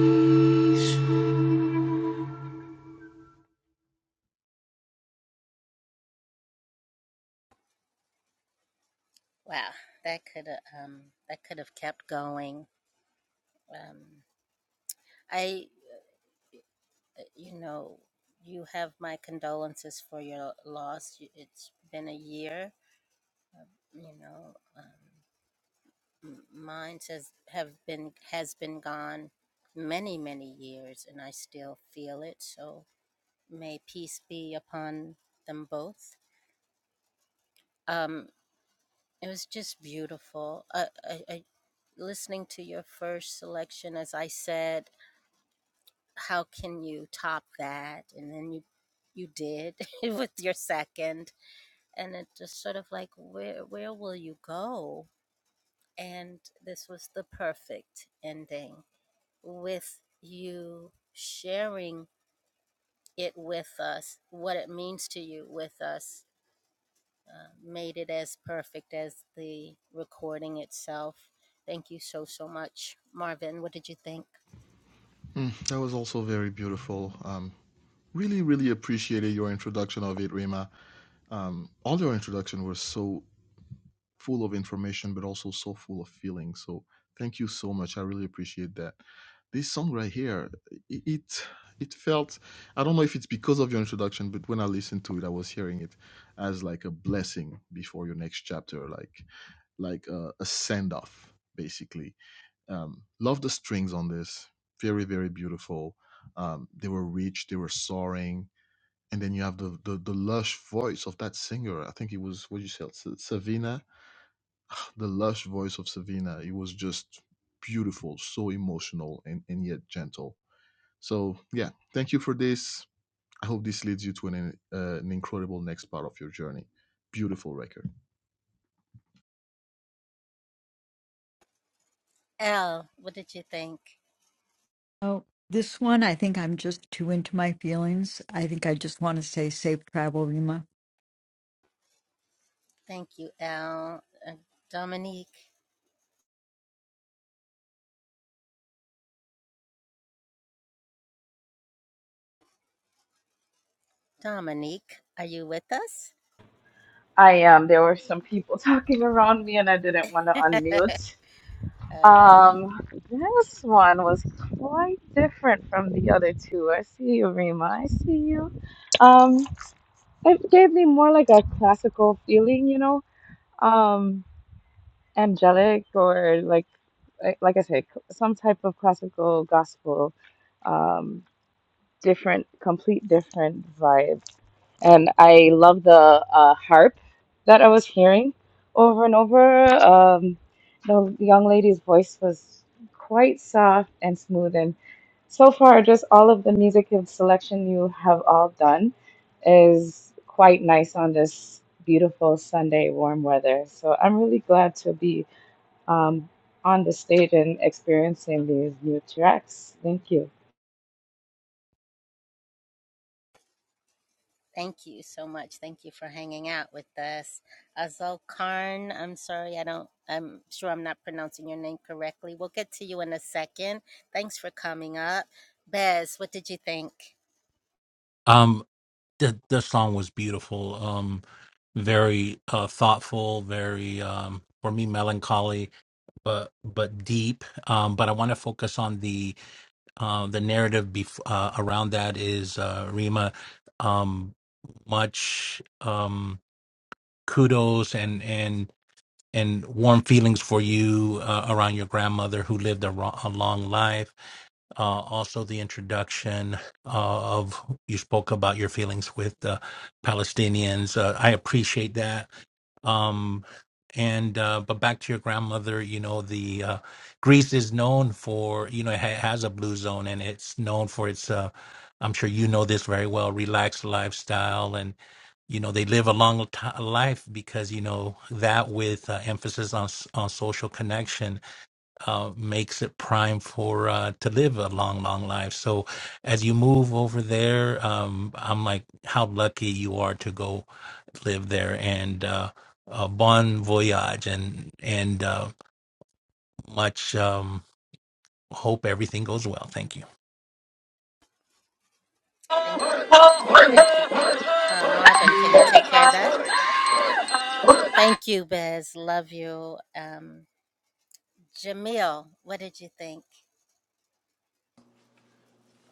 Speaker 3: Oh, this one, I think I'm just too into my feelings. I think I just want to say safe travel, Rima.
Speaker 5: I am. There were some people talking around me and I didn't want to unmute. Um, this one was quite different from the other two. I see you, Rima. I see you. Um, it gave me more like a classical feeling, you know, um, angelic or like, like like I said, some type of classical gospel. Um, different, complete different vibes. And I love the uh, harp that I was hearing over and over. Um, the young lady's voice was quite soft and smooth. And so far, just all of the music and selection you have all done is quite nice on this beautiful Sunday warm weather. So I'm really glad to be um, on the stage and experiencing these new tracks. Thank you.
Speaker 6: um the the song was beautiful um very uh thoughtful very um for me melancholy but but deep um but i want to focus on the uh the narrative bef- uh, around that is uh rima um much um kudos and and and warm feelings for you uh, around your grandmother who lived a, ro- a long life. Uh, also, the introduction uh, of you spoke about your feelings with uh, Palestinians. Uh, I appreciate that um, and uh, but back to your grandmother, you know, the uh, Greece is known for, you know, it ha- has a blue zone, and it's known for its. Uh, I'm sure you know this very well. Relaxed lifestyle, and you know they live a long ti life because you know that with uh, emphasis on s- on social connection uh, makes it prime for uh, to live a long, long life. So, as you move over there, um, I'm like, how lucky you are to go live there, and uh, uh, bon voyage, and and uh, much um, hope everything goes well. Thank you.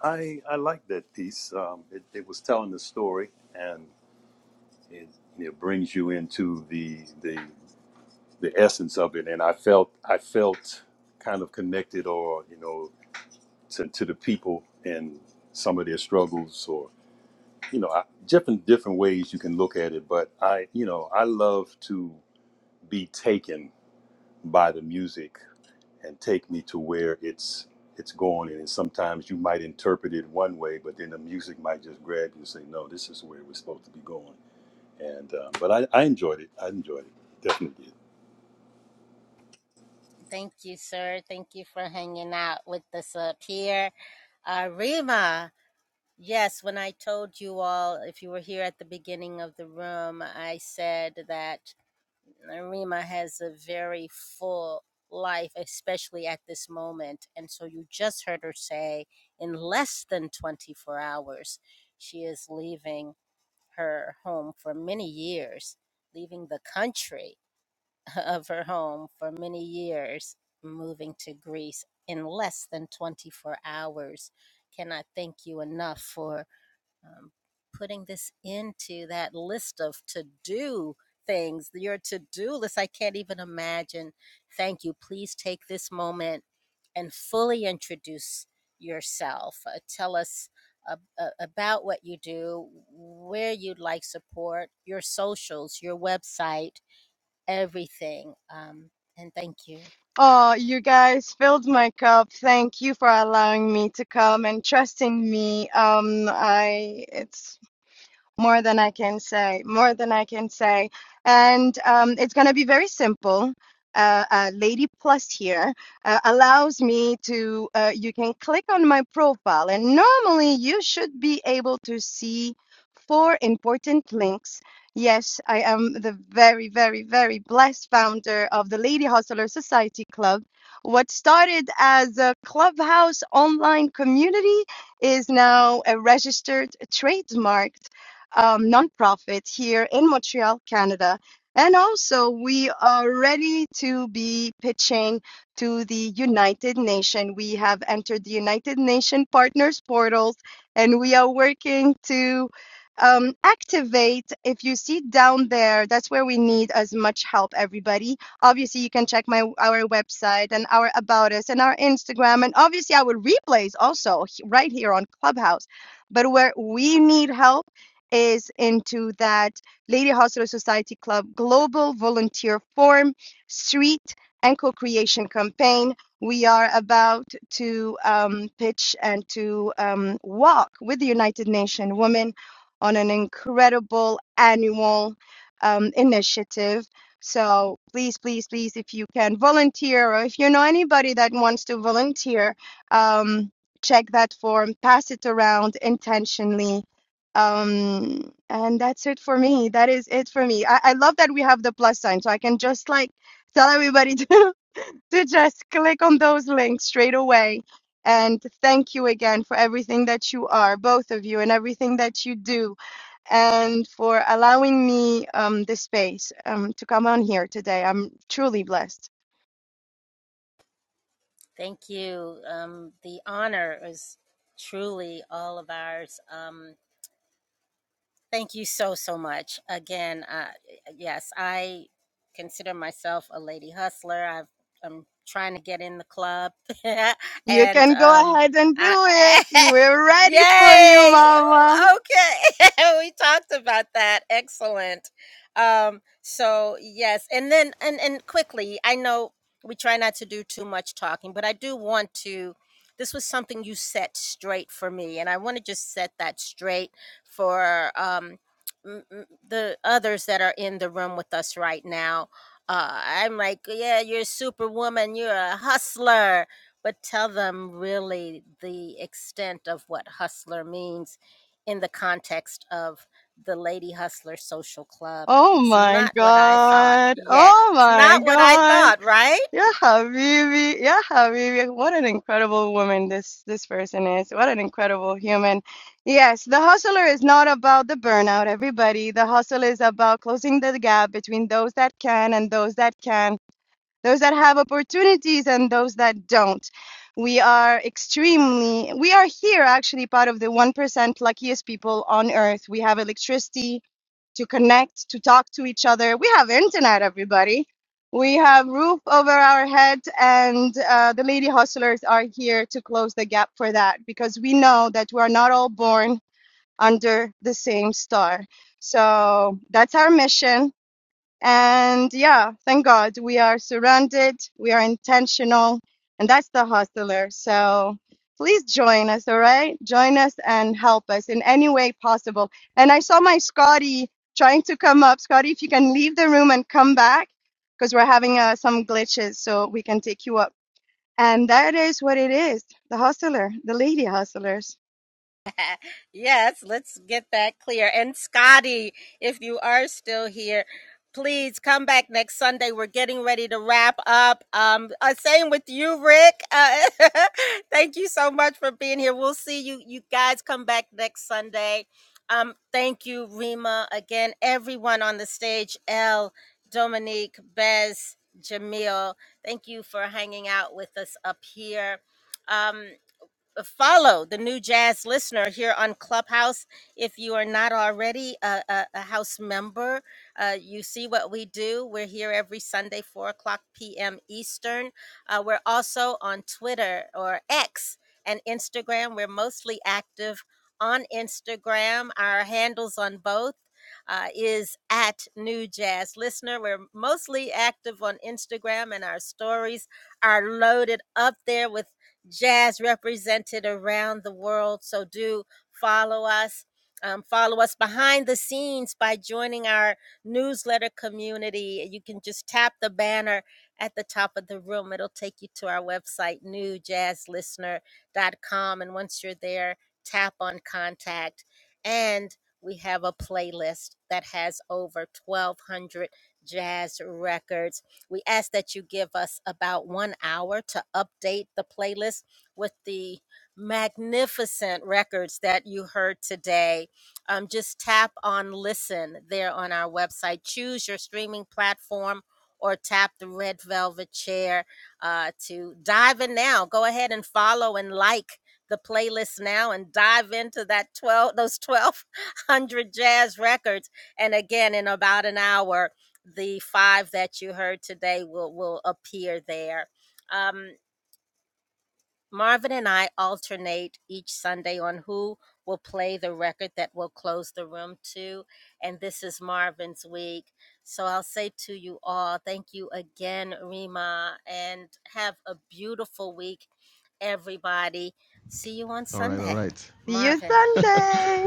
Speaker 7: I, I like that piece. Um, it, it was telling the story, and it, it brings you into the, the the essence of it. And I felt I felt kind of connected, or you know, to, to the people and some of their struggles, or you know I- different different ways you can look at it but i you know i love to be taken by the music and take me to where it's it's going and sometimes you might interpret it one way but then the music might just grab you and say no this is where we're supposed to be going and uh, but I, I enjoyed it i enjoyed it definitely did
Speaker 2: Oh, you guys filled my cup. Thank you for allowing me to come and trusting me. Um, I it's More than I can say, more than I can say. And um, it's going to be very simple. Uh, uh, Lady Plus here uh, allows me to, uh, you can click on my profile, and normally you should be able to see four important links. Yes, I am the very, very, very blessed founder of the Lady Hustler Society Club. What started as a clubhouse online community is now a registered trademarked um, nonprofit here in Montreal, Canada. And also, we are ready to be pitching to the United Nations. We have entered the United Nations Partners Portals, and we are working to um, activate. If you see down there, that's where we need as much help, everybody. Obviously, you can check my our website and our About Us and our Instagram, and obviously our replays also h- right here on Clubhouse. But where we need help is into that Lady Hustler Society Club Global Volunteer Forum Street and Co-Creation Campaign. We are about to um, pitch and to um, walk with the United Nations Women on an incredible annual um, initiative. So please, please, please, if you can volunteer or if you know anybody that wants to volunteer, um, check that form, pass it around intentionally um, and that's it for me. That is it for me. I, I love that we have the plus sign, so I can just like tell everybody to to just click on those links straight away. And thank you again for everything that you are, both of you, and everything that you do, and for allowing me um the space um to come on here today. I'm truly blessed. You can go ahead and do it. We're ready for you, Mama. Oh my God. Oh my God. Yeah, Habibi. Yeah, Habibi. What an incredible woman this this person is. What an incredible human. Yes, the hustler is not about the burnout, everybody. The hustle is about closing the gap between those that can and those that can, those that have opportunities and those that don't. We are extremely, we are here actually part of the 1% luckiest people on earth. We have electricity to connect, to talk to each other. We have internet, everybody. We have roof over our head, and uh, the lady hustlers are here to close the gap for that because we know that we are not all born under the same star. So that's our mission and yeah, thank God we are surrounded, we are intentional, and that's the hustler. So please join us, all right? Join us and help us in any way possible. And I saw my Scotty trying to come up. Scotty, if you can leave the room and come back, because we're having uh, some glitches, so we can take you up. And that is what it is the hustler, the lady hustlers. See you Sunday.